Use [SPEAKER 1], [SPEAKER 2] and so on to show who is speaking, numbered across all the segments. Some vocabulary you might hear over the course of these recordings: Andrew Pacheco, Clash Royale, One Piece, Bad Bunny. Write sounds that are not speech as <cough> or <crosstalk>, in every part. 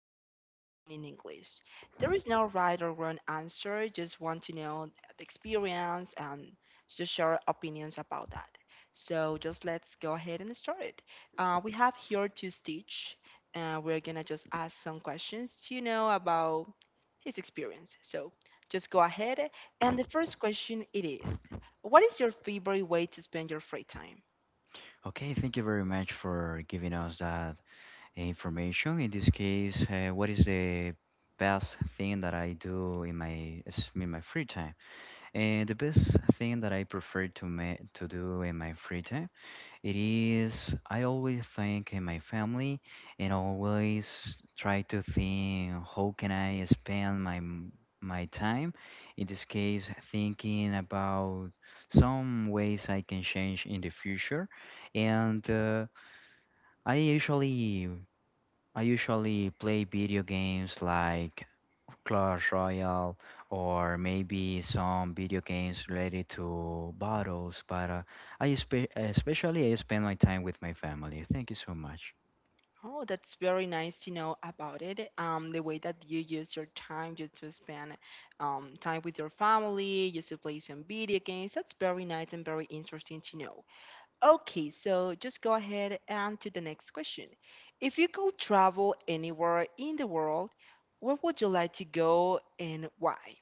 [SPEAKER 1] conversation in English. There is no right or wrong answer, just want to know the experience and just share opinions about that. So just let's go ahead and start it. We have here to Stitch and we're gonna just ask some questions, you know, about his experience. So just go ahead. And the first question it is, what is your favorite way to spend your free time?
[SPEAKER 2] Okay, thank you very much for giving us that information. In this case, what is the best thing that I do in in my free time? And the best thing that I prefer to to do in my free time, it is I always think in my family and always try to think how can I spend my time. In this case, thinking about some ways I can change in the future and. I usually I usually play video games like Clash Royale or maybe some video games related to battles, but especially I spend my time with my family. Thank you so much.
[SPEAKER 1] Oh, that's very nice to know about it. The way that you use your time just to spend time with your family, just to play some video games. That's very nice and very interesting to know. Okay, so just go ahead and to the next question. If you could travel anywhere in the world, where would you like to go and why?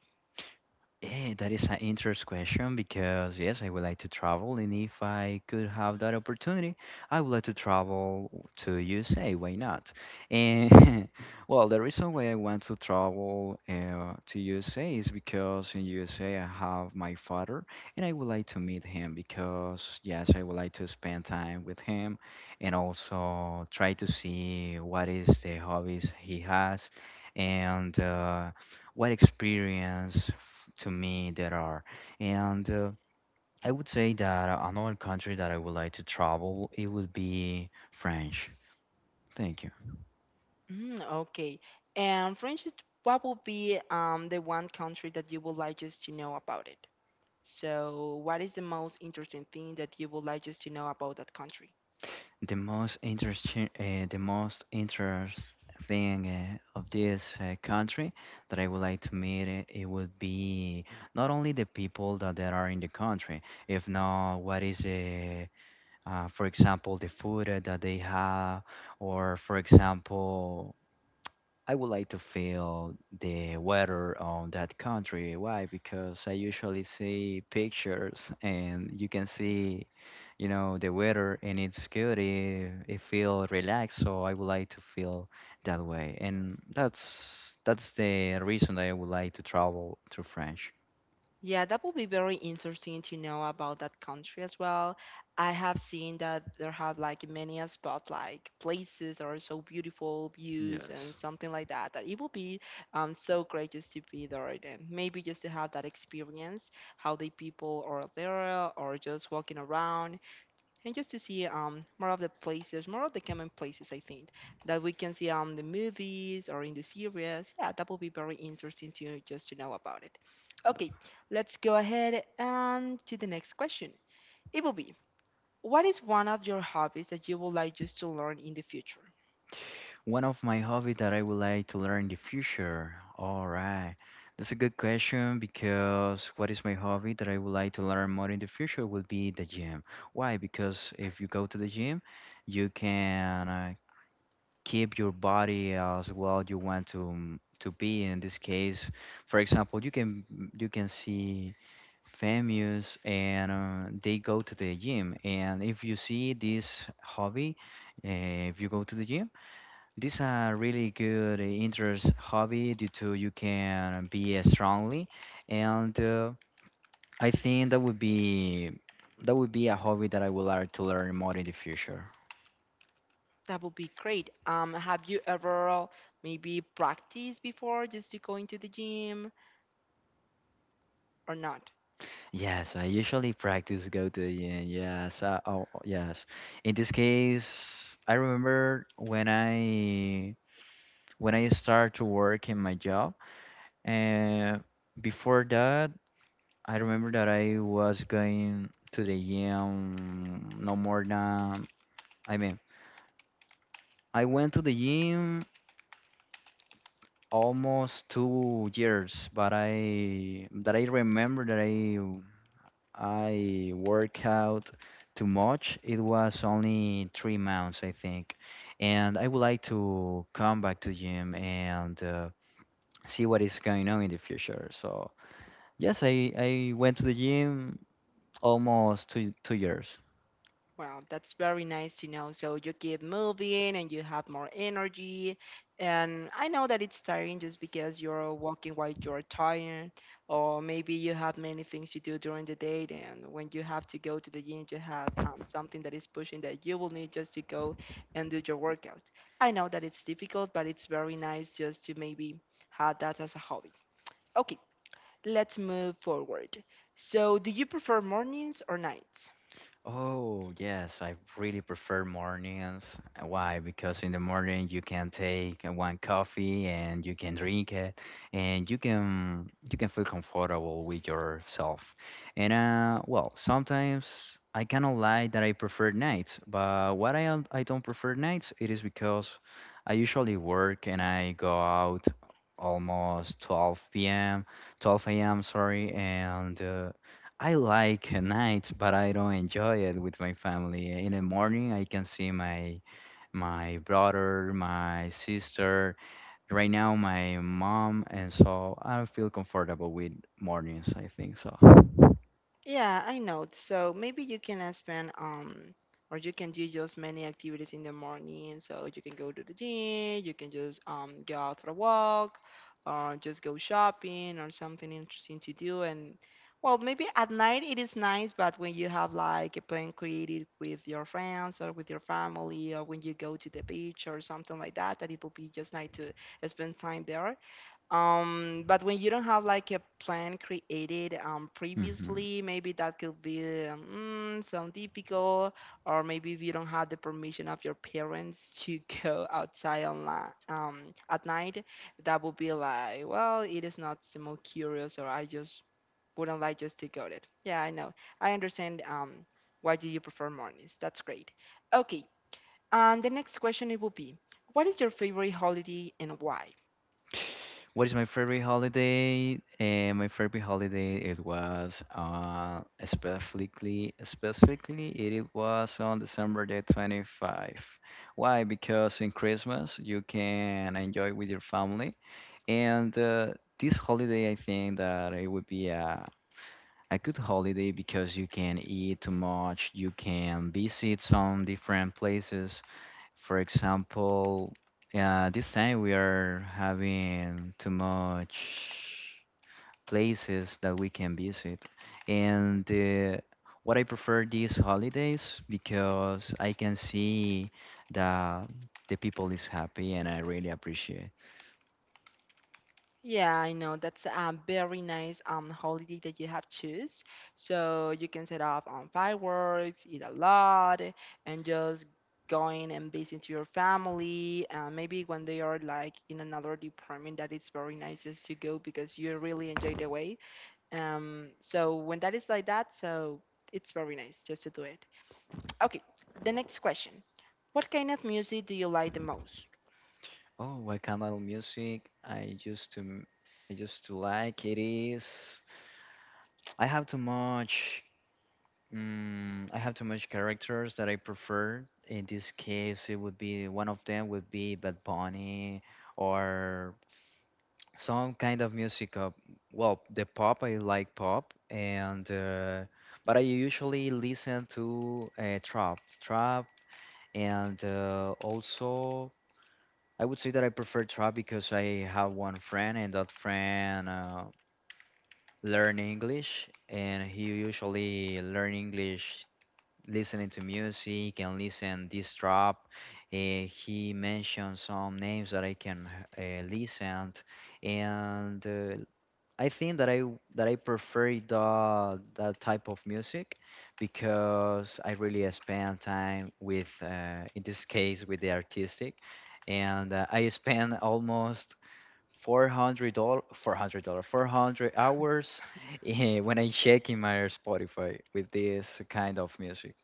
[SPEAKER 2] Yeah, that is an interesting question because yes, I would like to travel, and if I could have that opportunity, I would like to travel to USA. Why not? And <laughs> well, the reason why I want to travel to USA is because in USA I have my father, and I would like to meet him because yes, I would like to spend time with him, and also try to see what is the hobbies he has, and. What experience to me there are and I would say that another country that I would like to travel it would be french. Thank you.
[SPEAKER 1] Mm, okay. And Francis, what would be the one country that you would like just to know about it? So, what is the most interesting thing that you would like just to know about that country?
[SPEAKER 2] The most interesting the most interest thing of this country that I would like to meet it would be not only the people that there are in the country if not what is for example the food that they have, or for example I would like to feel the weather on that country. Why? Because I usually see pictures and you can see, you know, the weather and it's good. It feel relaxed, so I would like to feel that way. And that's the reason that I would like to travel to France.
[SPEAKER 1] Yeah, that will be very interesting to know about that country as well. I have seen that there have like many a spot like places or so beautiful views
[SPEAKER 2] Yes.
[SPEAKER 1] and something like that. That it will be so great just to be there and maybe just to have that experience, how the people are there or just walking around and just to see more of the places, more of the common places I think that we can see the movies or in the series. Yeah, that will be very interesting to just to know about it. Okay, let's go ahead and to the next question. It will be what is one of your hobbies that you would like just to learn in the future?
[SPEAKER 2] One of my hobby that I would like to learn in the future. All right. That's a good question because what is my hobby that I would like to learn more in the future would be the gym. Why? Because if you go to the gym, you can keep your body as well you want to be. In this case, for example, you can see famous and they go to the gym, and if you see this hobby if you go to the gym, this is a really good interest hobby due to you can be strongly, and I think that would be a hobby that I would like to learn more in the future.
[SPEAKER 1] That would be great. Have you ever maybe practiced before just to go into the gym or not?
[SPEAKER 2] Yes, I usually practice go to the gym. Yes, oh, yes. In this case, I remember when I started to work in my job, and before that, I remember that I was going to the gym no more than, I mean, I went to the gym almost 2 years, but I that I remember that I work out too much. It was only 3 months, I think, and I would like to come back to gym and see what is going on in the future. So yes, I went to the gym almost two years.
[SPEAKER 1] Wow, that's very nice to know. So you keep moving and you have more energy. And I know that it's tiring just because you're walking while you're tired, or maybe you have many things to do during the day. And when you have to go to the gym, you have something that is pushing that you will need just to go and do your workout. I know that it's difficult, but it's very nice just to maybe have that as a hobby. Okay, let's move forward. So, do you prefer mornings or nights?
[SPEAKER 2] Oh, yes, I really prefer mornings. Why? Because in the morning you can take one coffee and you can drink it, and you can feel comfortable with yourself. And Well, sometimes I cannot lie that I prefer nights, but what I don't prefer nights it is because I usually work and I go out almost 12 p.m., 12 a.m., sorry, and I like nights, but I don't enjoy it with my family. In the morning, I can see my brother, my sister. Right now, my mom, and so I feel comfortable with mornings. I think so.
[SPEAKER 1] Yeah, I know. So maybe you can spend or you can do just many activities in the morning. So you can go to the gym, you can just go out for a walk or just go shopping or something interesting to do and well, maybe at night it is nice, but when you have like a plan created with your friends or with your family or when you go to the beach or something like that, that it will be just nice to spend time there but when you don't have like a plan created
[SPEAKER 2] Hmm.
[SPEAKER 1] previously, maybe that could be mm, some difficult, or maybe if you don't have the permission of your parents to <laughs> go outside on at night, that would be like, well, it is not the most curious, or I just wouldn't like just to go there. Yeah, I know. I understand. Why do you prefer mornings? That's great. Okay. And the next question it will be, what is your favorite holiday and why?
[SPEAKER 2] What is my favorite holiday? My favorite holiday it was specifically it was on December the 25th. Why? Because in Christmas you can enjoy with your family. And this holiday, I think that it would be a good holiday because you can eat too much, you can visit some different places. For example, this time we are having too much places that we can visit. And what I prefer these holidays because I can see that the people is happy and I really appreciate.
[SPEAKER 1] Yeah, I know. That's a very nice holiday that you have choose. So you can set off on fireworks, eat a lot, and just going and visit your family. Maybe when they are like in another department, that is very nice just to go because you really enjoy the way. So when that is like that, so it's very nice just to do it. Okay, the next question. What kind of music do you like the most?
[SPEAKER 2] Oh, what kind of music I used to like it is I have too much, I have too much characters that I prefer. In this case, it would be one of them would be Bad Bunny, or some kind of music of, well, the pop. I like pop, and but I usually listen to trap and also. I would say that I prefer trap because I have one friend, and that friend learn English, and he usually learn English listening to music and listen this trap. He mentioned some names that I can listen, and I think that I prefer the that type of music because I really spend time with, in this case, with the artistic, and I spend almost $400, $400, 400 hours <laughs> eh, when I check in my Spotify with this kind of music.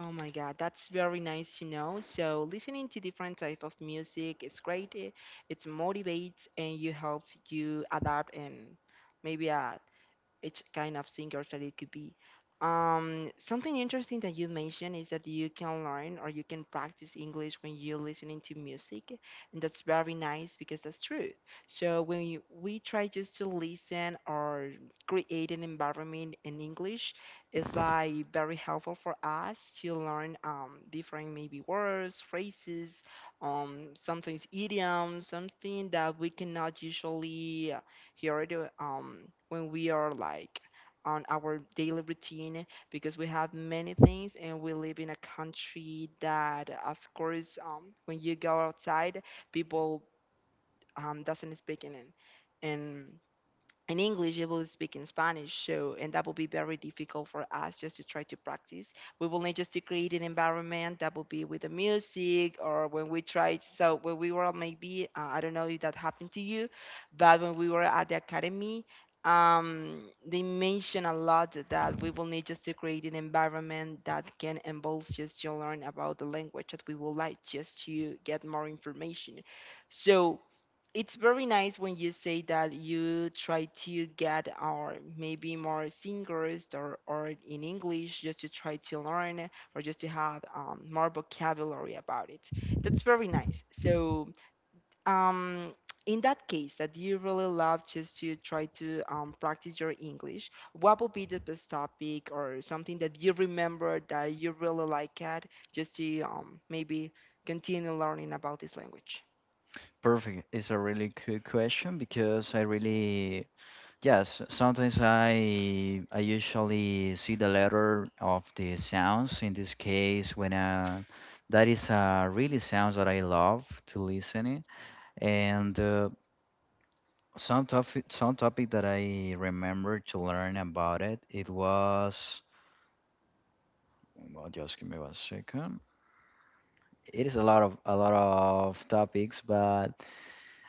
[SPEAKER 1] Oh my God, that's very nice to know. So listening to different type of music, it's great. It motivates and you helps you adapt and maybe each kind of singers that it could be. Something interesting that you mentioned is that you can learn or you can practice English when you're listening to music, and that's very nice because that's true. So when you, we try just to listen or create an environment in English, it's like very helpful for us to learn different maybe words, phrases, sometimes idioms, something that we cannot usually he already when we are like on our daily routine because we have many things and we live in a country that of course when you go outside people doesn't speak in it and in English, they will speak in Spanish. So, and that will be very difficult for us just to try to practice. We will need just to create an environment that will be with the music or when we tried. So, when we were maybe, I don't know if that happened to you, but when we were at the academy, they mentioned a lot that we will need just to create an environment that can involve just to learn about the language that we would like just to get more information. So, it's very nice when you say that you try to get or maybe more singers or in english just to try to learn or just to have more vocabulary about it that's very nice so um, in that case that you really love just to try to practice your english what would be the best topic or something that you remember that you really like at just to maybe continue learning about this language
[SPEAKER 2] Perfect. It's a really good question because I really. Yes, sometimes I usually see the letter of the sounds. In this case, when that is really sounds that I love to listening, and some topic that I remember to learn about it. It was, well, just give me one second. It is a lot of topics, but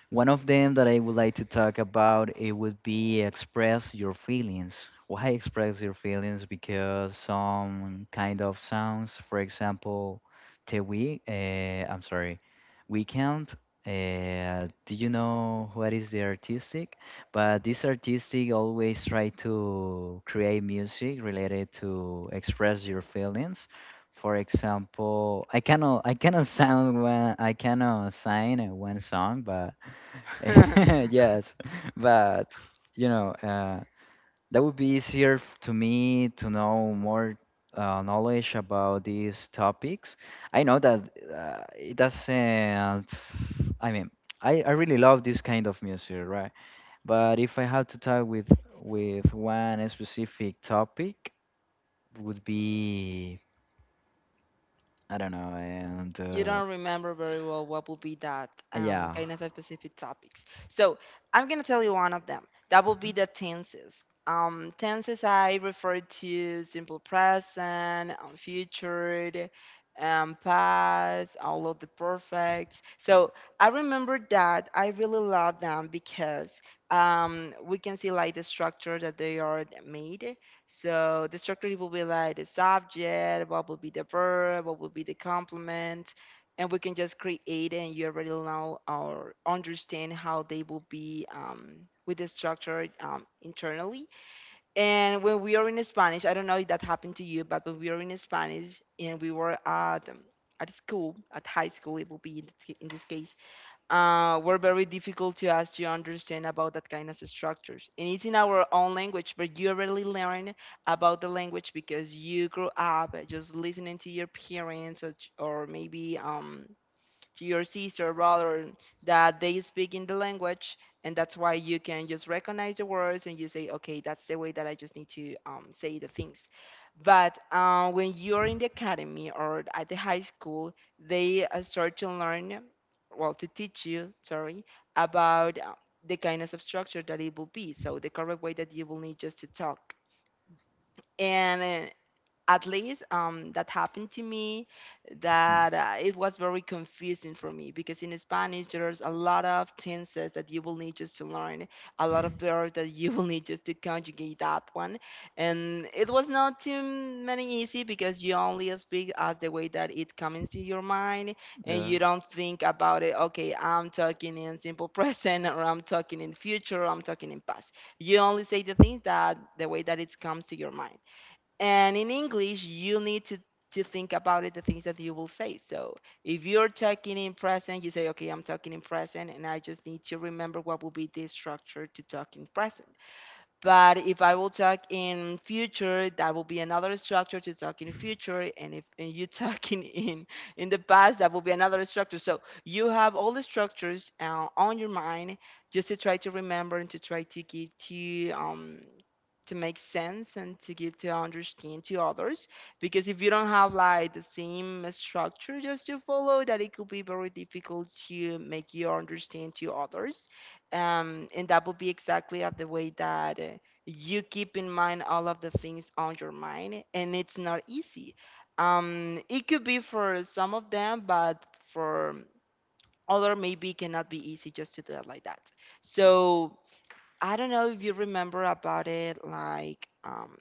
[SPEAKER 2] one of them that I would like to talk about it would be express your feelings. Why express your feelings? Because some kind of sounds, for example, the week, I'm sorry, weekend. Do you know what is the artistic? But this artistic always try to create music related to express your feelings. For example, I cannot <laughs> sound one, I cannot sign one song, but
[SPEAKER 1] <laughs>
[SPEAKER 2] <laughs> Yes, but you know, uh, that would be easier to me to know more knowledge about these topics. I know that it doesn't, I mean, I really love this kind of music, right? But if I had to talk with one specific topic, would be, I don't know, and
[SPEAKER 1] you don't remember very well what will be that
[SPEAKER 2] yeah.
[SPEAKER 1] kind of a specific topics. So I'm gonna tell you one of them. That will be the tenses. Tenses I refer to simple present, future, past, all of the perfect. So I remember that I really love them because we can see like the structure that they are made. So the structure will be like the subject, what will be the verb, what will be the complement, and we can just create and you already know or understand how they will be with the structure internally and when we are in Spanish I don't know if that happened to you but when we are in Spanish and we were at school at high school it will be in, in this case were very difficult to us to understand about that kind of structures and it's in our own language but you already learn about the language because you grew up just listening to your parents or maybe to your sister, brother, that they speak in the language, and that's why you can just recognize the words and you say, okay, that's the way that I just need to say the things. But when you're in the academy or at the high school, they start to learn, well, to teach you, sorry, about the kindness of structure that it will be. So the correct way that you will need just to talk. And at least that happened to me that it was very confusing for me because in Spanish there's a lot of tenses that you will need just to learn a lot of verbs that you <laughs> will need just to conjugate that one and it was not too many easy because you only speak as the way that it comes to your mind and you don't think about it, okay, I'm talking in simple <laughs> present or I'm talking in future or I'm talking in past, you only say the things that the way that it comes to your mind and in english you need to think about it the things that you will say. So if you're talking in present you say, okay, I'm talking in present and I just need to remember what will be the structure to talk in present, but if I will talk in future, that will be another structure to talk in future. And if and you <laughs> talking in the past, that will be another structure. So you have all the structures on your mind just to try to remember and to try to give to make sense and to give to understand to others. Because if you don't have like the same structure just to follow, that it could be very difficult to make you understand to others. And that would be exactly at the way that you keep in mind all of the things on your mind, and it's not easy. It could be for some of them, but for other maybe it cannot be easy just to do it like that. So I don't know if you remember about it, like,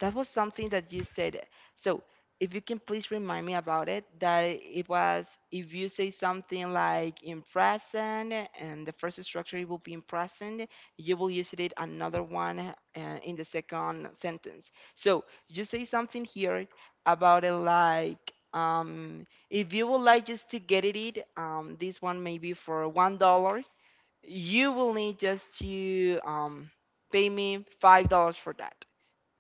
[SPEAKER 1] that was something that you said. So if you can please remind me about it, that it was if you say something like in present, and the first structure it will be in present, you will use it another one in the second sentence. So you say something here about it, like, if you would like just to get it, this one maybe for $1, you will need just to pay me $5 for that.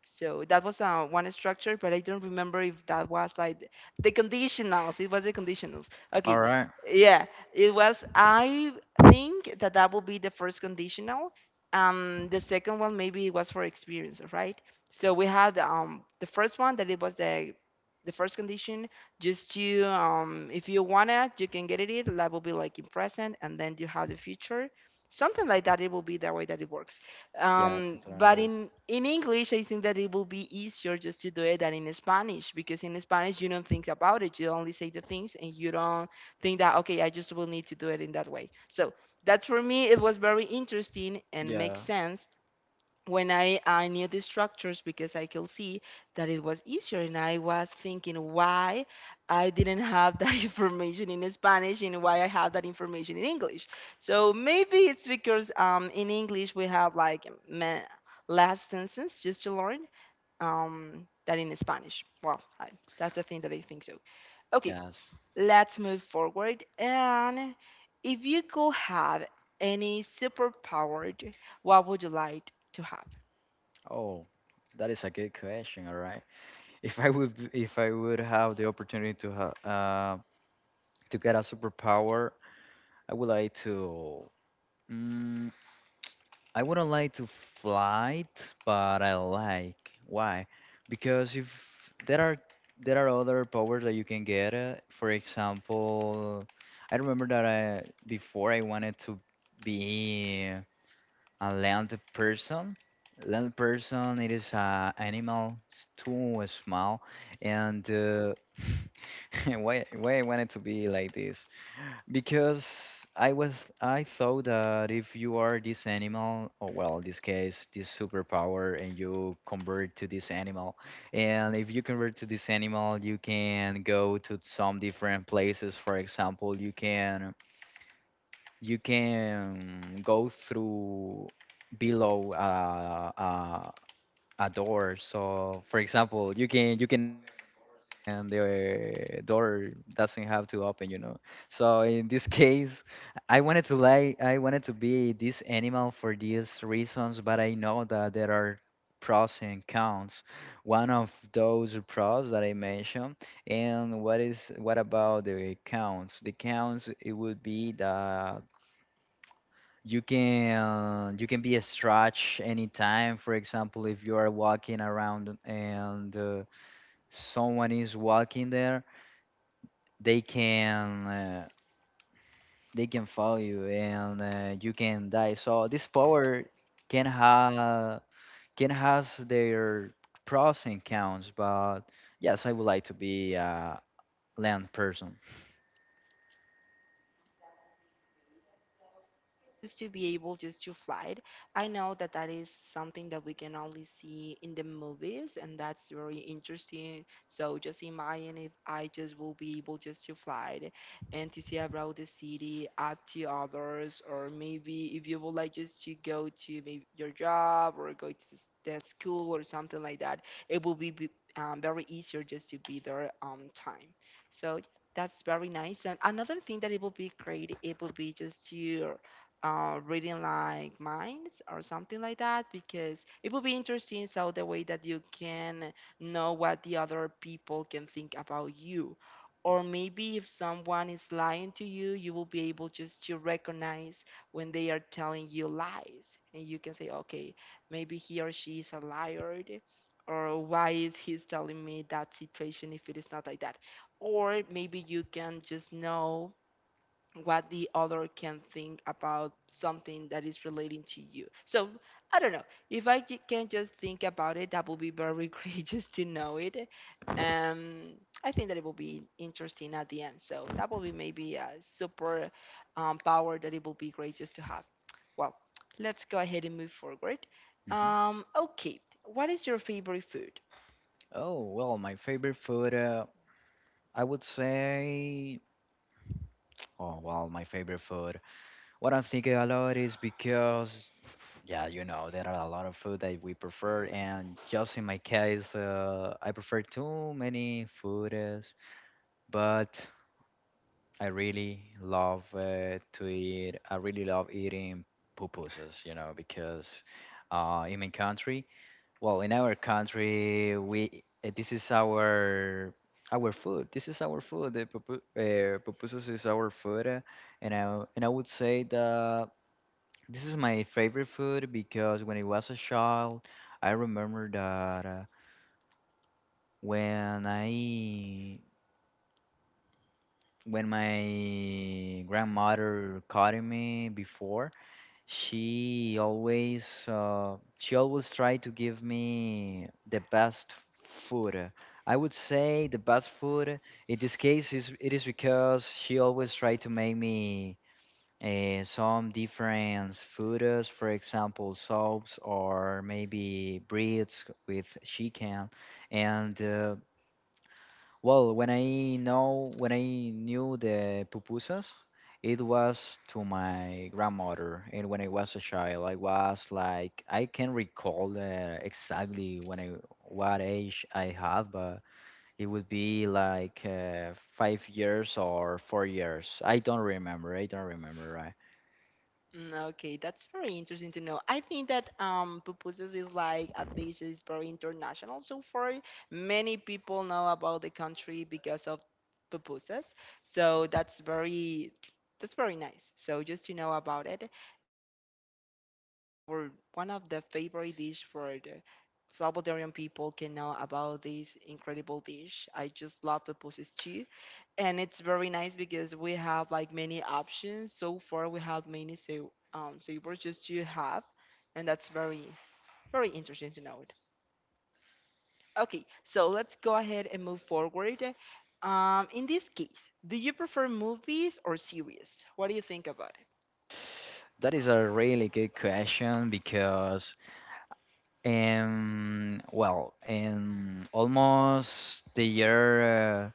[SPEAKER 1] So that was one structure, but I don't remember if that was like the conditionals. It was the conditionals. Okay.
[SPEAKER 2] All right.
[SPEAKER 1] Yeah, it was. I think that that will be the first conditional. The second one maybe it was for experience, right? So we had the first one that it was the first condition just to if you wanna you can get it. That will be like in present, and then you have the future, something like that. It will be the way that it works.
[SPEAKER 2] Yeah, something
[SPEAKER 1] But
[SPEAKER 2] like that.
[SPEAKER 1] in English, I think that it will be easier just to do it than in Spanish, because in Spanish you don't think about it. You only say the things and you don't think that okay, I just will need to do it in that way. So that's for me. It was very interesting and makes
[SPEAKER 2] Yeah.
[SPEAKER 1] sense when I knew the structures, because I could see that it was easier, and I was thinking why I didn't have that <laughs> information in Spanish and why I have that information in English. So maybe it's because in English we have like ma- last sentence just to learn that in Spanish. Well, I, that's the thing that I think so. Okay,
[SPEAKER 2] Yes.
[SPEAKER 1] let's move forward. And if you could have any superpower, what would you like to have?
[SPEAKER 2] Oh, that is a good question. All right. If I would have the opportunity to have, to get a superpower, I would like to. Mm, I wouldn't like to fly, but I like. Why? Because if there are there are other powers that you can get. For example, I remember that I before I wanted to be. A land person. Land person, it is a animal, it's too small. And <laughs> why I wanted to be like this? Because I thought that if you are this animal, or well, in this case, this superpower, and you convert to this animal, and if you convert to this animal, you can go to some different places. For example, you can go through below a door. So, for example, you can and the door doesn't have to open. So in this <laughs> case, I wanted to be this animal for these reasons, but I know that there are pros and cons. One of those pros that I mentioned, and what is what about the cons? The cons it would be that you can be a stretch anytime, for example, if you are walking around and someone is walking there, they can uh, they can follow you and you can die, so this power can have, can has their pros and cons, but yes, I would like to be a land person.
[SPEAKER 1] Just to be able just to fly it. I know that that is something that we can only see in the movies, and that's very interesting. So just imagine if I just will be able just to fly it and to see around the city, up to others, or maybe if you would like just to go to maybe your job or go to s- the school or something like that, it will be- very easier just to be there on time. So that's very nice. And another thing that it would be great, it would be just to reading like minds or something like that, because it would be interesting, so the way that you can know what the other people can think about you, or maybe if someone is lying to you, you will be able just to recognize when they are telling you lies, and you can say okay, maybe he or she is a liar, or why is he telling me that situation if it is not like that, or maybe you can just know what the other can think about something that is relating to you. So I don't know if I ju- can just think about it. That would be very <laughs> great just to know it. Um, I think that it will be interesting at the end. So that will be maybe a super power that it will be great just to have. Well, let's go ahead and move forward.
[SPEAKER 2] Hmm.
[SPEAKER 1] Okay, what is your favorite food?
[SPEAKER 2] Oh, well, my favorite food, I would say, oh well, my favorite food, what I'm thinking a lot is because, yeah, there are a lot of food that we prefer, and just in my case, I prefer too many foods, but I really love to eat. I really love eating pupusas, because in my country, well, in our country, we this is our food. This is our food. Pupusas is our food, and I would say that this is my favorite food because when I was a child, I remember that when I when my grandmother caught me before, she always tried to give me the best food. I would say the best food in this case is it is because she always tried to make me some different foods, for example, soups or maybe breads with chicken. And well, when I knew the pupusas, it was to my grandmother. And when I was a child, I was like I can recall exactly when I what age I had, but it would be like 5 years or 4 years. I don't remember. I don't remember. Right.
[SPEAKER 1] Mm, okay, that's very interesting to know. I think that pupusas is like a dish is very international so far. Many people know about the country because of pupusas. So that's very nice. So just to know about it, or one of the favorite dish for the Salvadorian people can know about this incredible dish. I just love pupusas stew, and it's very nice because we have like many options. So far, we have many so savors just you have, and that's very interesting to know it. Okay, so let's go ahead and move forward. In this case, do you prefer movies or series? What do you think about it?
[SPEAKER 2] That is a really good question because, well, in almost the year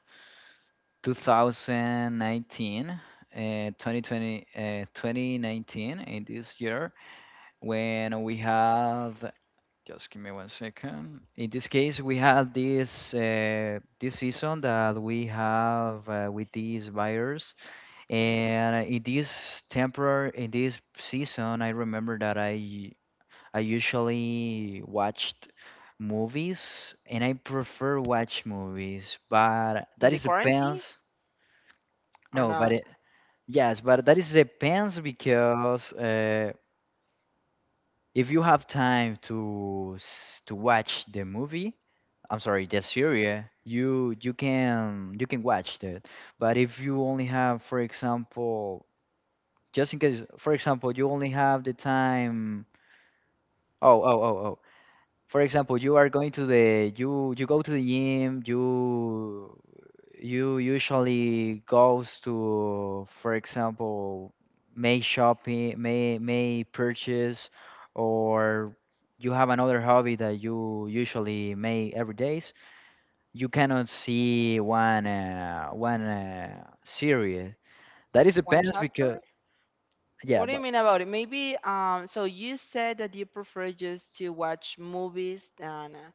[SPEAKER 2] 2019, 2020, 2019, in this year, when we have, just give me one second. In this case, we had this season that we have with these buyers.
[SPEAKER 1] Okay,
[SPEAKER 2] And in this temporary, in this season, I remember that I usually watched movies, and I prefer watch movies, but
[SPEAKER 1] in
[SPEAKER 2] that
[SPEAKER 1] the
[SPEAKER 2] is
[SPEAKER 1] quarantine
[SPEAKER 2] depends.
[SPEAKER 1] or
[SPEAKER 2] No, but
[SPEAKER 1] not?
[SPEAKER 2] it, yes, but that is depends because if you have time to to watch the movie, I'm sorry, the series, you can watch that. But if you only have, for example, just in case for example you only have the time oh oh oh oh for example you are going to the you go to the gym you usually goes to for example may shopping may purchase or you have another hobby that you usually may every days you cannot see one series that is
[SPEAKER 1] One
[SPEAKER 2] depends because
[SPEAKER 1] chapter.
[SPEAKER 2] yeah
[SPEAKER 1] What do you
[SPEAKER 2] but.
[SPEAKER 1] mean about it? Maybe so you said that you prefer just to watch movies than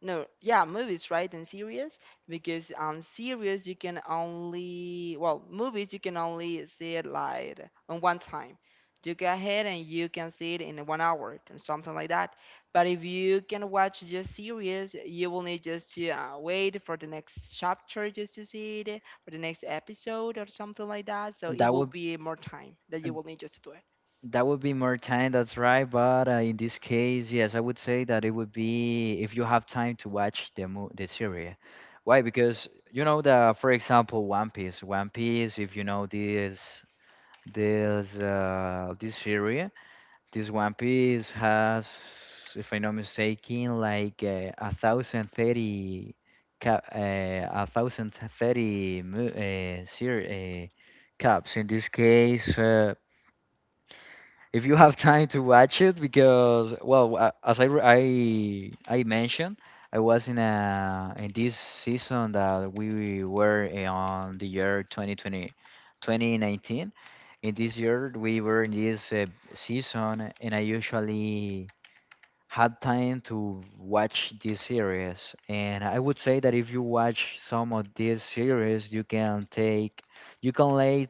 [SPEAKER 1] no, yeah, movies, right? And series, because on series you can only, well, movies you can only see it like on one time. You go ahead and you can see it in 1 hour and something like that. But if you can watch just series, you will need just to wait for the next chapter just to see it, or the next episode or something like that. So it
[SPEAKER 2] That
[SPEAKER 1] will
[SPEAKER 2] would
[SPEAKER 1] be more time that you will need just to do it.
[SPEAKER 2] that would be more time, that's right. But in this case, yes, I would say that it would be if you have time to watch the series. Why? Because you know the, for example, One Piece. One Piece, if you know this series, this One Piece has, if I'm not mistaken, like 1,030, 1,030 caps. In this case, if you have time to watch it because well as I mentioned, I was in a in this season that we were on the year 2020, 2019. In this year we were in this season, and I usually had time to watch this series, and I would say that if you watch some of these series you can lay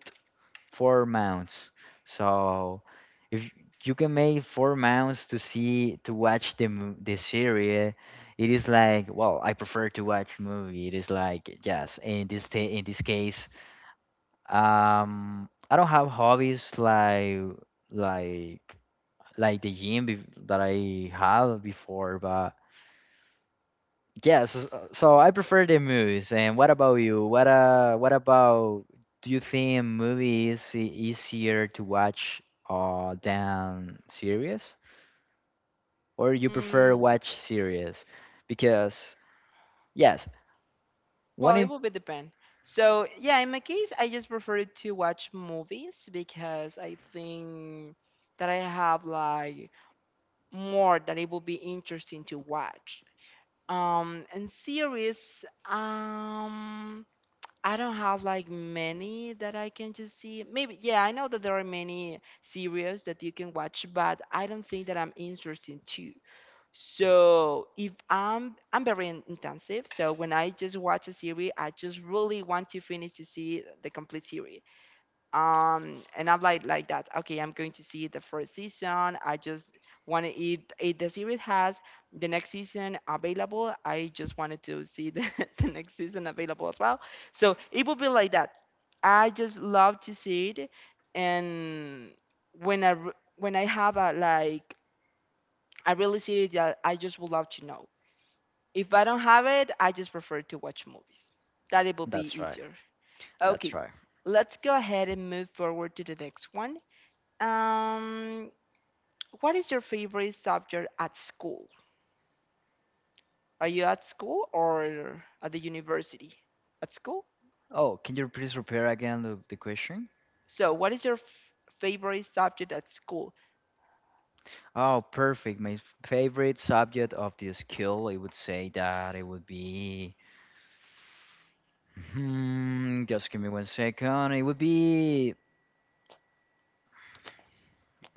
[SPEAKER 2] four mounts. So if you can make four mounts to watch the series, it is like well, I prefer to watch movie. It is like yes, in in this case, I don't have hobbies like like the gym that I had before, but yes, so I prefer the movies. And what about you? What about, do you think movies easier to watch than series, or you prefer
[SPEAKER 1] Mm,
[SPEAKER 2] watch series? Because yes, one
[SPEAKER 1] well, it
[SPEAKER 2] im
[SPEAKER 1] will be depend. So yeah, in my case, I just prefer to watch movies, because I think that I have like more that it will be interesting to watch. And series, um, I don't have like many that I can just see. Maybe, yeah, I know that there are many series that you can watch, but I don't think that I'm interested too. So if I'm very in- intensive, so when I just watch a series, I just really want to finish to see the complete series, and I'm like that okay, I'm going to see the first season, I just want to eat if the series has the next season available, I just wanted to see the <laughs> the next season available as well. So it will be like that. I just love to see it. And when I re- when I have a like I really see it, that I just would love to know. If I don't have it, I just prefer to watch movies, that it will be
[SPEAKER 2] that's right,
[SPEAKER 1] easier.
[SPEAKER 2] that's
[SPEAKER 1] Okay,
[SPEAKER 2] right.
[SPEAKER 1] let's go ahead and move forward to the next one. um, what is your favorite subject at school? Are you at school or at the university? At school?
[SPEAKER 2] Oh, can you please repeat again the question?
[SPEAKER 1] So, what is your f- favorite subject at school?
[SPEAKER 2] Oh, perfect. Favorite subject of the skill, I would say that it would be. Hmm, just give me one second. It would be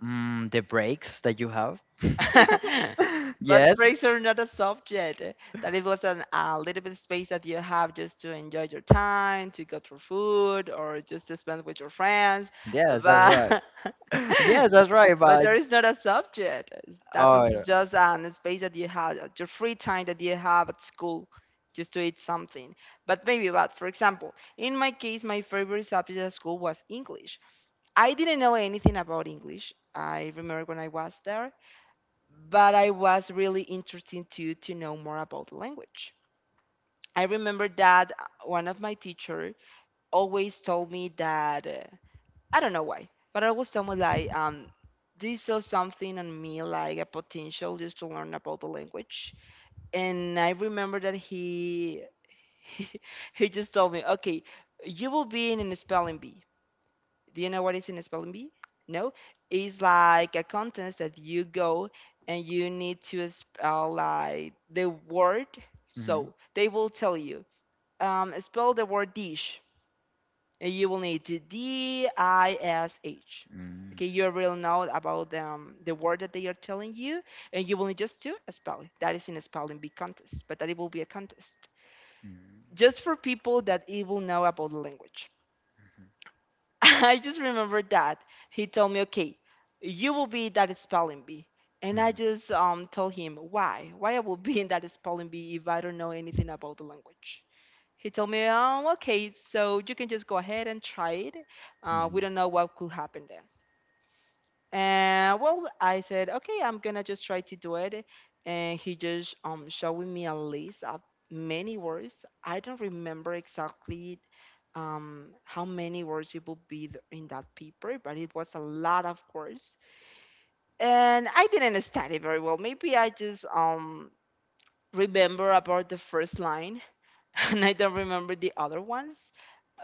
[SPEAKER 2] The breaks that you have.
[SPEAKER 1] <laughs>
[SPEAKER 2] <laughs>
[SPEAKER 1] But
[SPEAKER 2] Yes.
[SPEAKER 1] Fraser, not a subject. Eh, that it was an, a little bit space that you have just to enjoy your time, to go for food, or just to spend with your friends.
[SPEAKER 2] Yes, that's right.
[SPEAKER 1] But
[SPEAKER 2] <laughs> Yes, that's right.
[SPEAKER 1] <laughs> but
[SPEAKER 2] But
[SPEAKER 1] there is not a subject. It's- that
[SPEAKER 2] oh,
[SPEAKER 1] was
[SPEAKER 2] yeah.
[SPEAKER 1] just an space that you had, your free time that you have at school, just to eat something. But maybe, but for example, in my case, my favorite subject at school was English. I didn't know anything about English. I remember when I was there, but I was really interested to know more about the language. I remember that one of my teacher always told me that. I don't know why, but I was someone like they saw something on me like a potential just to learn about the language. And I remember that he <laughs> he just told me, okay, you will be in a spelling bee. Do you know what is in a spelling bee? No, it's like a contest that you go and you need to spell like the word.
[SPEAKER 2] Mm-hmm.
[SPEAKER 1] So they will tell you, spell the word dish, and you will need to DISH.
[SPEAKER 2] Mm.
[SPEAKER 1] Okay, you will know about the word that they are telling you, and you will need just to spell it. That is in a spelling bee contest, but that it will be a contest just for people that it will know about the language. <laughs> I just remember that he told me, "Okay, you will be in that spelling bee," and I
[SPEAKER 2] Mm-hmm.
[SPEAKER 1] just told him why I will be in that spelling bee if I don't know anything about the language. He told me, okay, so you can just go ahead and try it.
[SPEAKER 2] Mm-hmm. Mm-hmm.
[SPEAKER 1] We don't know what could happen." And well, I said, okay, I'm gonna just try to do it. And he just showing me a list of many words. I don't remember exactly how many words it would be th- in that paper, but it was a lot of words. And I didn't study very well. Maybe I just remember about the first line, <laughs> and I don't remember the other ones.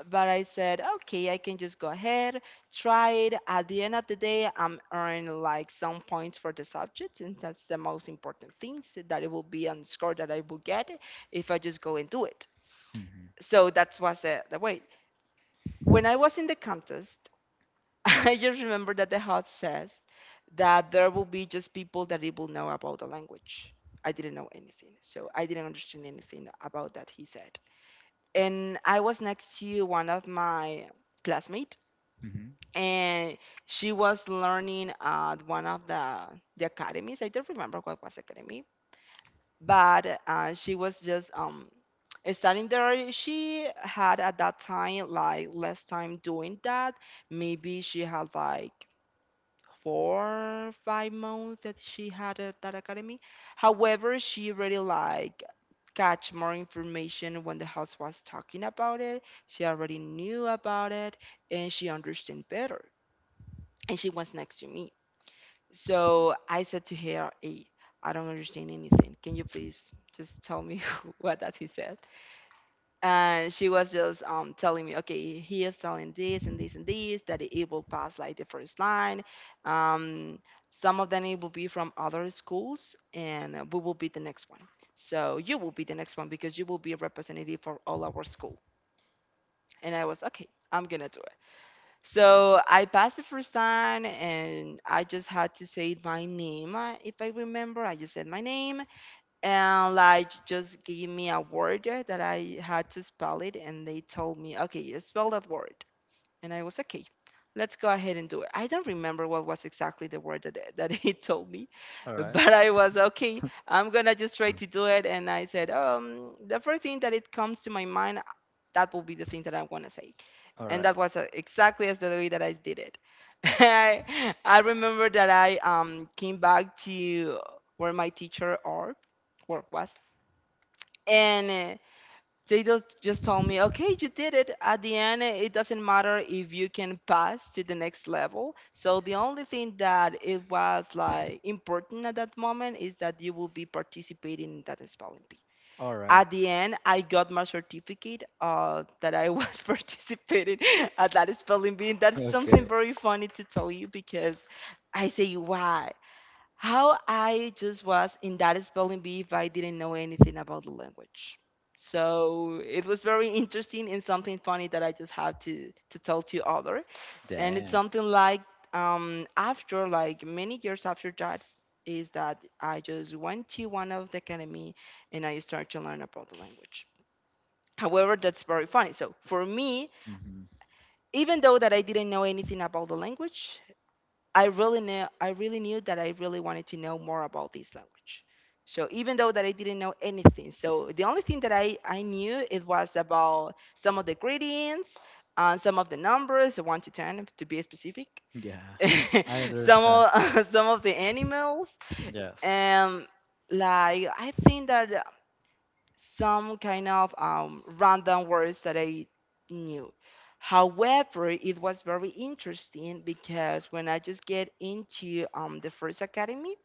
[SPEAKER 1] But I said, okay, I can just go ahead, try it. At the end of the day, I'm earning like some points for the subject, and that's the most important thing, so that it will be on the score that I will get if I just go and do it.
[SPEAKER 2] Mm-hmm.
[SPEAKER 1] So that was the way. When I was in the contest, <laughs> I just remember that the host says that there will be just people that it will know about the language. I didn't know anything, so I didn't understand anything about that he said, and I was next to one of my classmates,
[SPEAKER 2] Mm-hmm.
[SPEAKER 1] and she was learning at one of the academies. I don't remember what was academy, but she was just studying there. She had at that time like less time doing that. Maybe she had like four, 5 months that she had at that academy. However, she really like catch more information when the house was talking about it. She already knew about it and she understood better. And she was next to me. So I said to her, "Hey, I don't understand anything. Can you please just tell me <laughs> what that he said?" And she was just telling me, okay, he is telling this and this and this that it will pass like the first line. Um, some of them it will be from other schools, and we will be the next one. So you will be the next one because you will be a representative for all our school. And I was okay, I'm gonna do it. So I passed the first time, and I just had to say my name. If I remember, I just said my name, and like just gave me a word that I had to spell it, and they told me, okay, you spell that word. And I was okay. Let's go ahead and do it. I don't remember what was exactly the word that <laughs> that he told me,
[SPEAKER 2] Right.
[SPEAKER 1] but I was okay, I'm gonna just try
[SPEAKER 2] Uh,
[SPEAKER 1] to do it. And I said, the first thing that it comes to my mind, that will be the thing that I wanna say.
[SPEAKER 2] All
[SPEAKER 1] And
[SPEAKER 2] right.
[SPEAKER 1] that was exactly as the way that I did it. <laughs> I remember that I came back to where my teacher or work was, and they just told me, okay, you did it. At the end, it doesn't matter if you can pass to the next level. So the only thing that it was like important at that moment is that you will be participating in that spelling bee.
[SPEAKER 2] All right.
[SPEAKER 1] At the end, I got my certificate that I was <laughs> participating at that spelling bee. That's something
[SPEAKER 2] Okay.
[SPEAKER 1] very funny to tell you because I say, why? How I just was in that spelling bee if I didn't know anything about the language. So it was very interesting and something funny that I just have to tell to other. And it's
[SPEAKER 2] Damn.
[SPEAKER 1] something like after like many years after that is that I just went to one of the academy and I started to learn about the language. However, that's very funny. So for me,
[SPEAKER 2] Hmm.
[SPEAKER 1] even though that I didn't know anything about the language, I really knew that I really wanted to know more about this language. So even though that I didn't know anything, so the only thing that I knew it was about some of the gradients, some of the numbers, one to ten to be specific,
[SPEAKER 2] Yeah,
[SPEAKER 1] <laughs>
[SPEAKER 2] I
[SPEAKER 1] some
[SPEAKER 2] understand.
[SPEAKER 1] of <laughs> some of the animals,
[SPEAKER 2] Yes.
[SPEAKER 1] and like I think that some kind of random words that I knew. However, it was very interesting because when I just get into the first academy,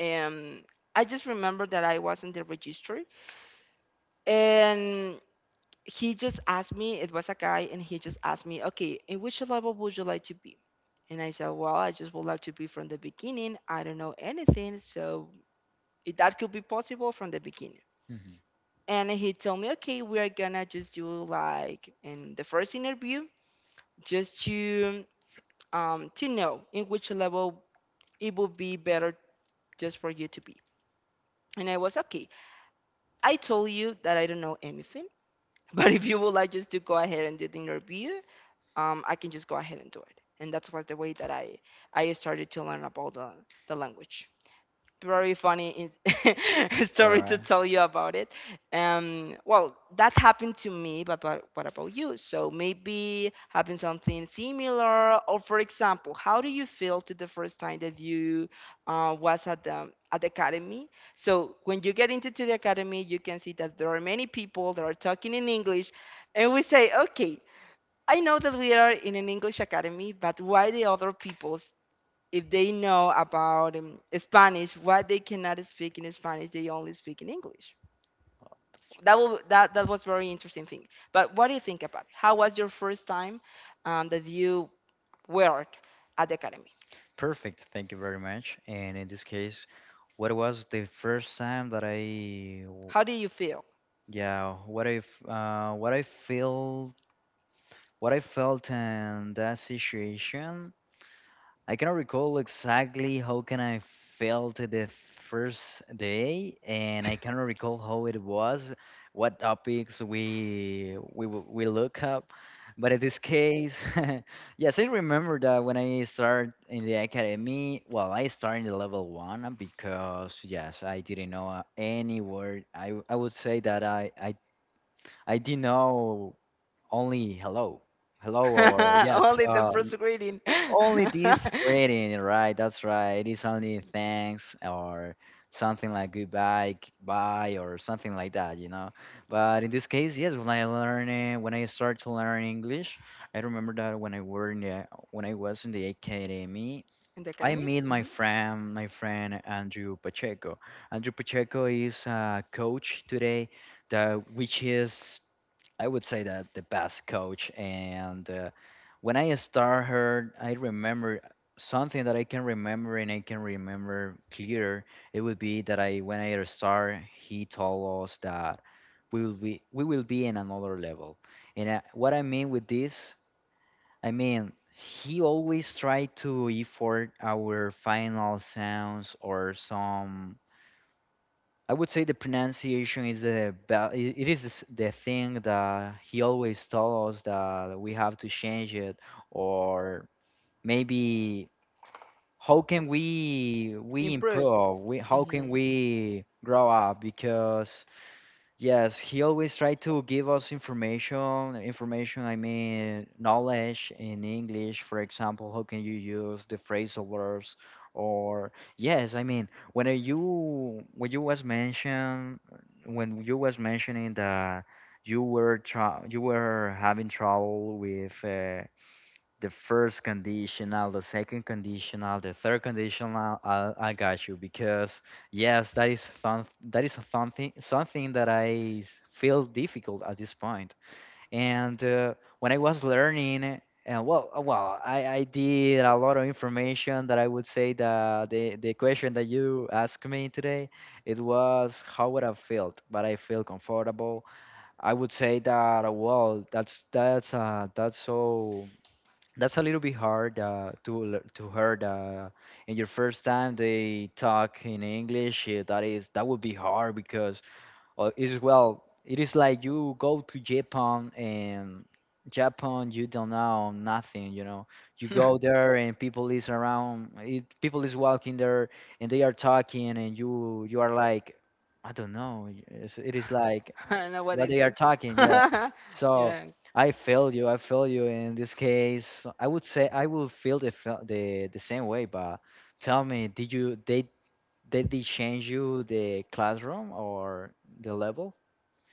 [SPEAKER 1] um, I just remember that I was in the registry, and he just asked me, it was a guy, and he just asked me, okay, in which level would you like to be? And I said, well, I just would like to be from the beginning. I don't know anything, so that could be possible from the beginning.
[SPEAKER 2] Mhm.
[SPEAKER 1] And he told me, okay, we're gonna just do like in the first interview, just to know in which level it would be better just for you to be. And I was okay. I told you that I don't know anything, <laughs> but if you would like just to go ahead and do the interview, I can just go ahead and do it. And that was the way that I started to learn about the language. Very funny <laughs>
[SPEAKER 2] All
[SPEAKER 1] story to
[SPEAKER 2] right.
[SPEAKER 1] tell you about it. Well, that happened to me, but, what about you? So maybe having something similar, or for example, how do you feel to the first time that you was at the academy? So when you get into to the academy, you can see that there are many people that are talking in English, and we say, okay. I know that we are in an English academy, but why the other people if they know about Spanish, what they cannot speak in Spanish, they only speak in English. That will, that that was very interesting thing. But what do you think about it? How was your first time that you worked at the academy?
[SPEAKER 2] Perfect. Thank you very much. And in this case, what was the first time that
[SPEAKER 1] How do you feel?
[SPEAKER 2] yeah, what I felt in that situation? I cannot recall exactly how can I felt the first day, and I cannot recall how it was, what topics we look up. But in this case, <laughs> yes, I remember that when I started in the academy, well, I started in the level one because yes, I didn't know any word. I would say that I did know only hello, hello or
[SPEAKER 1] <laughs>
[SPEAKER 2] yes,
[SPEAKER 1] Only the first greeting. <laughs>
[SPEAKER 2] only this greeting, right? That's right. It is only thanks or something like goodbye, bye, or something like that, you know. But in this case, yes, when I learn it, when I start to learn English, I remember that when I was in the academy,
[SPEAKER 1] In the
[SPEAKER 2] I
[SPEAKER 1] academy.
[SPEAKER 2] meet
[SPEAKER 1] Mhm.
[SPEAKER 2] my friend Andrew Pacheco. Andrew Pacheco is a coach today, that which is, I would say, that the best coach. And when I start her, I remember something that I can remember and I can remember clear. It would be that I when I start, he told us that we will be in another level. And what I mean with this, I mean he always tried to effort our final sounds or some, I would say the pronunciation is it is the thing that he always told us that we have to change it, or maybe
[SPEAKER 1] Improve.
[SPEAKER 2] how can
[SPEAKER 1] Mhm.
[SPEAKER 2] we grow up because. Yes, he always tried to give us information, information, I mean, knowledge in English. For example, how can you use the phrasal verbs? Or yes, I mean, when you was mentioning that you were having trouble with the first conditional, the second conditional, the third conditional. I got you because yes, that is fun. That is a fun thing, something that I feel difficult at this point. And when I was learning, and well, well, I did a lot of information that I would say that the question that you asked me today, it was how would I felt, but I feel comfortable. I would say that well, that's a little bit hard to to heard in your first time they talk in English. That is, that would be hard because it's, well, it is like you go to Japan, and Japan you don't know nothing, you know, you go
[SPEAKER 1] <laughs>
[SPEAKER 2] there and people is around it, people is walking there, and they are talking, and you are like I don't know, it is like
[SPEAKER 1] <laughs> I don't know what
[SPEAKER 2] what
[SPEAKER 1] they
[SPEAKER 2] they are
[SPEAKER 1] say.
[SPEAKER 2] talking, yeah.
[SPEAKER 1] <laughs>
[SPEAKER 2] So
[SPEAKER 1] Yeah.
[SPEAKER 2] I feel you. I feel you in this case. I would say I will feel the fe- the same way. But tell me, did you they did change you the classroom or the level?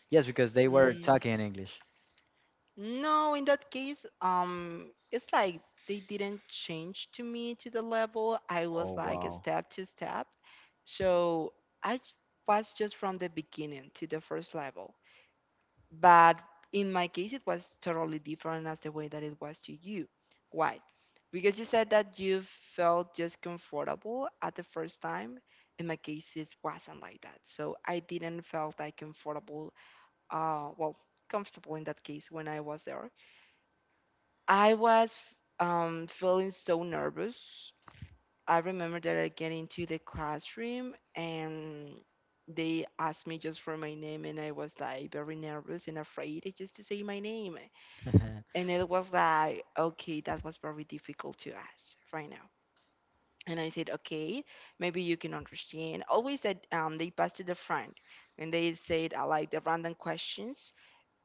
[SPEAKER 2] Yes, because they were
[SPEAKER 1] Mm,
[SPEAKER 2] talking in English.
[SPEAKER 1] no, in that case, it's like they didn't change to me to the level. I was like a step to step. So I j- was just from the beginning to the first level. But in my case, it was totally different as the way that it was to you. Why? Because you said that you felt just comfortable at the first time. In my case, it wasn't like that. So I didn't felt like comfortable, well, comfortable in that case when I was there. I was feeling so nervous. I remember that I get into the classroom and they asked me just for my name, and I was like very nervous and afraid just to say my name.
[SPEAKER 2] <laughs>
[SPEAKER 1] And it was like, okay, that was very difficult to ask right now. And I said, okay, maybe you can understand. Always that they passed to the front and they said like the random questions.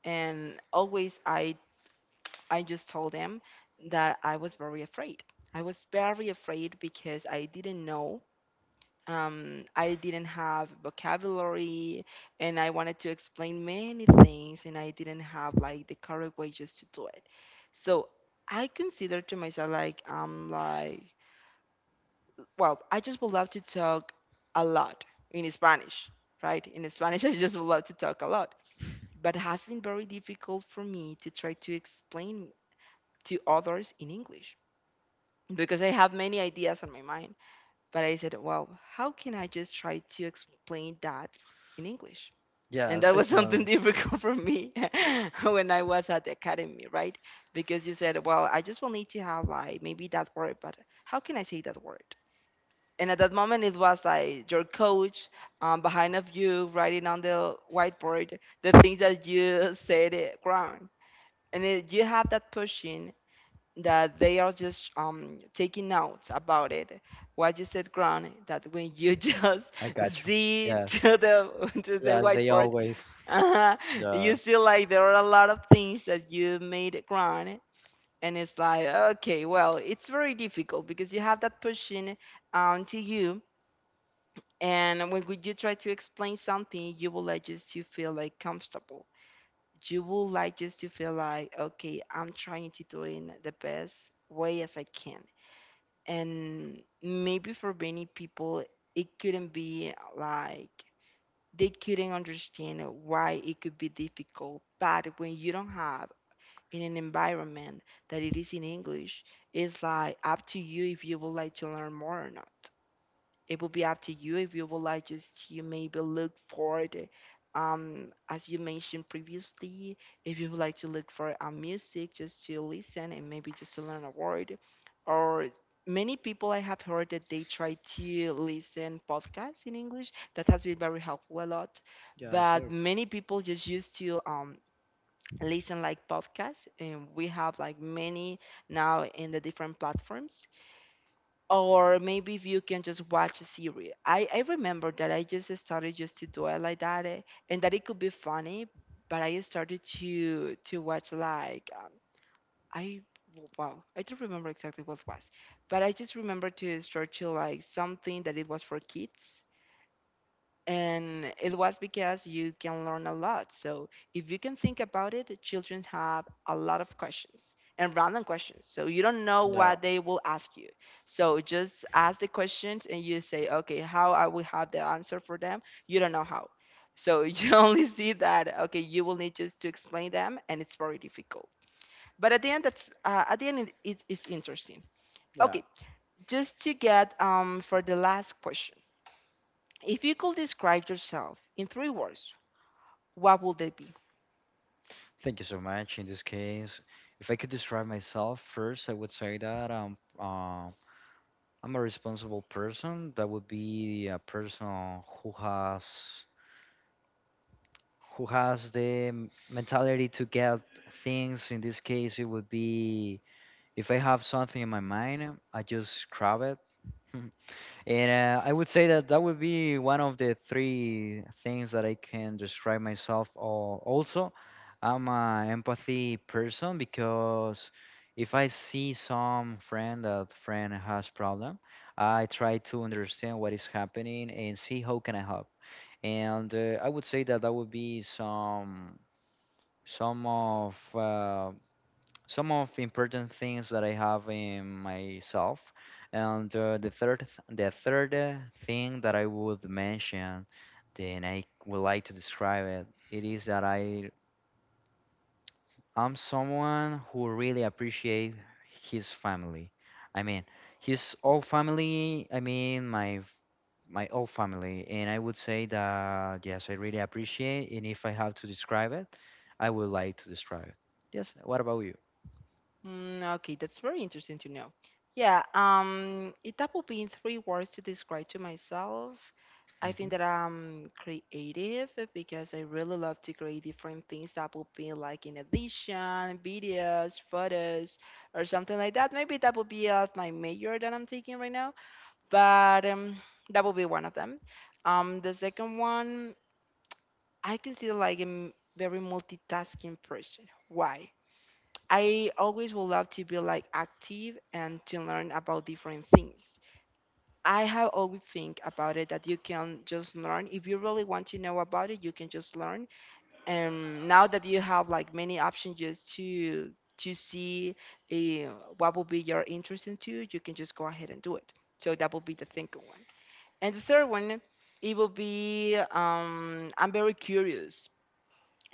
[SPEAKER 1] And always I just told them that I was very afraid. I was very afraid because I didn't know I didn't have vocabulary, and I wanted to explain many things and I didn't have like the correct way just to do it. So I consider to myself like I'm like, well, I just would love to talk a lot in Spanish, right? In Spanish <laughs> I just would love to talk a lot. But it has been very difficult for me to try to explain to others in English because I have many ideas on my mind. But I said, well, how can I just try to explain that in English?
[SPEAKER 2] Yeah,
[SPEAKER 1] And that was <laughs> something
[SPEAKER 2] Switzerland.
[SPEAKER 1] difficult for me <laughs> when I was at the academy, right? Because you said, well, I just will need to have like maybe that word, but how can I say that word? And at that moment, it was like your coach behind of you writing on the whiteboard the things that you said it wrong. And you have that pushing that they are just taking notes about it. What you said, Grant, that when you just
[SPEAKER 2] I
[SPEAKER 1] <laughs>
[SPEAKER 2] got you.
[SPEAKER 1] see
[SPEAKER 2] Yes,
[SPEAKER 1] to the <laughs> to the
[SPEAKER 2] yes, they
[SPEAKER 1] whiteboard,
[SPEAKER 2] always.
[SPEAKER 1] uh
[SPEAKER 2] Yeah,
[SPEAKER 1] you see like there are a lot of things that you made, Grant, and it's like, okay, well, it's very difficult because you have that pushing to you, and when you try to explain something, you would like just to feel like comfortable. You would like just to feel like, okay, I'm trying to do it in the best way as I can. And maybe for many people, it couldn't be like they couldn't understand why it could be difficult. But when you don't have in an environment that it is in English, it's like up to you if you would like to learn more or not. It will be up to you if you would like just to maybe look for the as you mentioned previously, if you would like to look for music just to listen and maybe just to learn a word. Or many people I have heard that they try to listen podcasts in English, that has been very helpful a lot.
[SPEAKER 2] yeah,
[SPEAKER 1] But
[SPEAKER 2] sort
[SPEAKER 1] many people just used to listen like podcasts, and we have like many now in the different platforms, or maybe if you can just watch a series. I remember that I just started just to do it like that, and that it could be funny, but I started to watch like I well, I don't remember exactly what it was, but I just remember to start to like something that it was for kids, and it was because you can learn a lot. So if you can think about it, the children have a lot of questions and random questions. So you don't know
[SPEAKER 2] of.
[SPEAKER 1] what they will ask you. So just ask the questions and you say, okay, how I will have the answer for them. You don't know how. So <laughs> you only see that okay, you will need just to explain them, and it's very difficult. But at the end, that's at the end, it's interesting.
[SPEAKER 2] Yeah.
[SPEAKER 1] Okay, just to get for the last question, if you could describe yourself in three words, what will that be?
[SPEAKER 2] Thank you so much. In this case, if I could describe myself first, I would say that I'm a responsible person. That would be a person who has the mentality to get things. In this case, it would be if I have something in my mind, I just grab it. <laughs> And I would say that that would be one of the three things that I can describe myself. Or also, I'm a empathy person because if I see some friend that friend has problem, I try to understand what is happening and see how can I help. And I would say that that would be some of uh, some of important things that I have in myself. And the third thing that I would mention, then I would like to describe it. It is that I am someone who really appreciate his family. I mean, his old family. I mean, my old family, and I would say that yes, I really appreciate. And if I have to describe it, I would like to describe it. Yes. What about you?
[SPEAKER 1] Mm, okay, that's very interesting to know. Yeah, if that would be in three words to describe to myself, I
[SPEAKER 2] Mhm.
[SPEAKER 1] think that I'm creative because I really love to create different things that would be like in addition, videos, photos, or something like that. Maybe that would be my major that I'm taking right now, but that would be one of them. The second one, I consider like a very multitasking person. Why? I always would love to be like active and to learn about different things. I have always think about it that you can just learn. If you really want to know about it, you can just learn. And now that you have like many options just to see eh, what will be your interest into, you can just go ahead and do it. So that will be the second one. And the third one, it will be I'm very curious,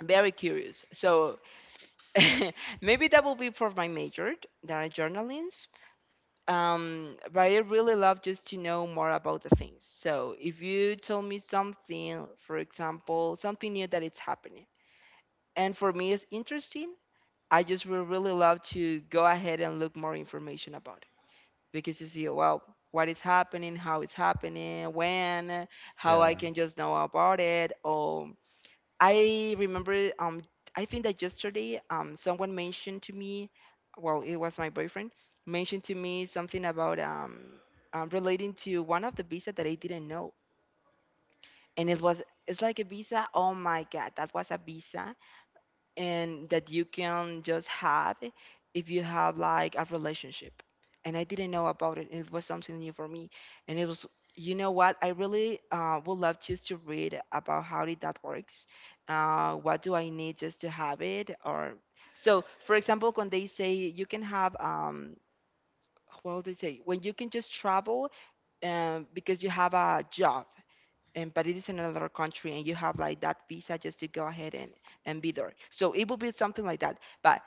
[SPEAKER 1] very curious. So <laughs> maybe that will be for my major, that are journalism. But I really love just to know more about the things. So if you tell me something, for example, something new that it's happening, and for me it's interesting, I just will really love to go ahead and look more information about it because you see, well, what is happening, how it's happening, when, how I
[SPEAKER 2] Yeah.
[SPEAKER 1] can just know about it, or. I remember I think that yesterday someone mentioned to me, well it was my boyfriend mentioned to me something about relating to one of the visa that I didn't know. And it was it's like a visa. Oh my god, that was a visa and that you can just have if you have like a relationship. And I didn't know about it. It was something new for me. And it was, you know what? I really would love just to read about how did that works. What do I need just to have it? Or so, for example, when they say you can have what do they say? When you can just travel because you have a job and but it is in another country and you have like that visa just to go ahead and be there, so it will be something like that. But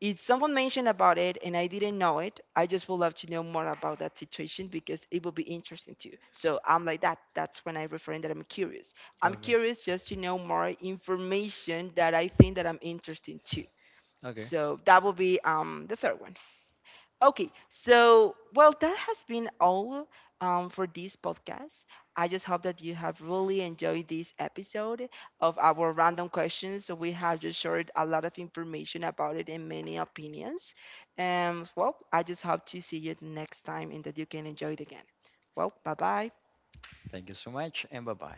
[SPEAKER 1] if someone mentioned about it and I didn't know it, I just would love to know more about that situation because it will be interesting too. So I'm like that, that's when I referring that I'm curious, I'm
[SPEAKER 2] Okay.
[SPEAKER 1] curious just to know more information that I think that I'm interested to.
[SPEAKER 2] Okay.
[SPEAKER 1] So that will be the third one. Okay, so well, that has been all, for this podcast. I just hope that you have really enjoyed this episode of our random questions. So we have just shared a lot of information about it and many opinions. And well, I just hope to see you next time and that you can enjoy it again. Well, bye bye.
[SPEAKER 2] Thank you so much and bye bye.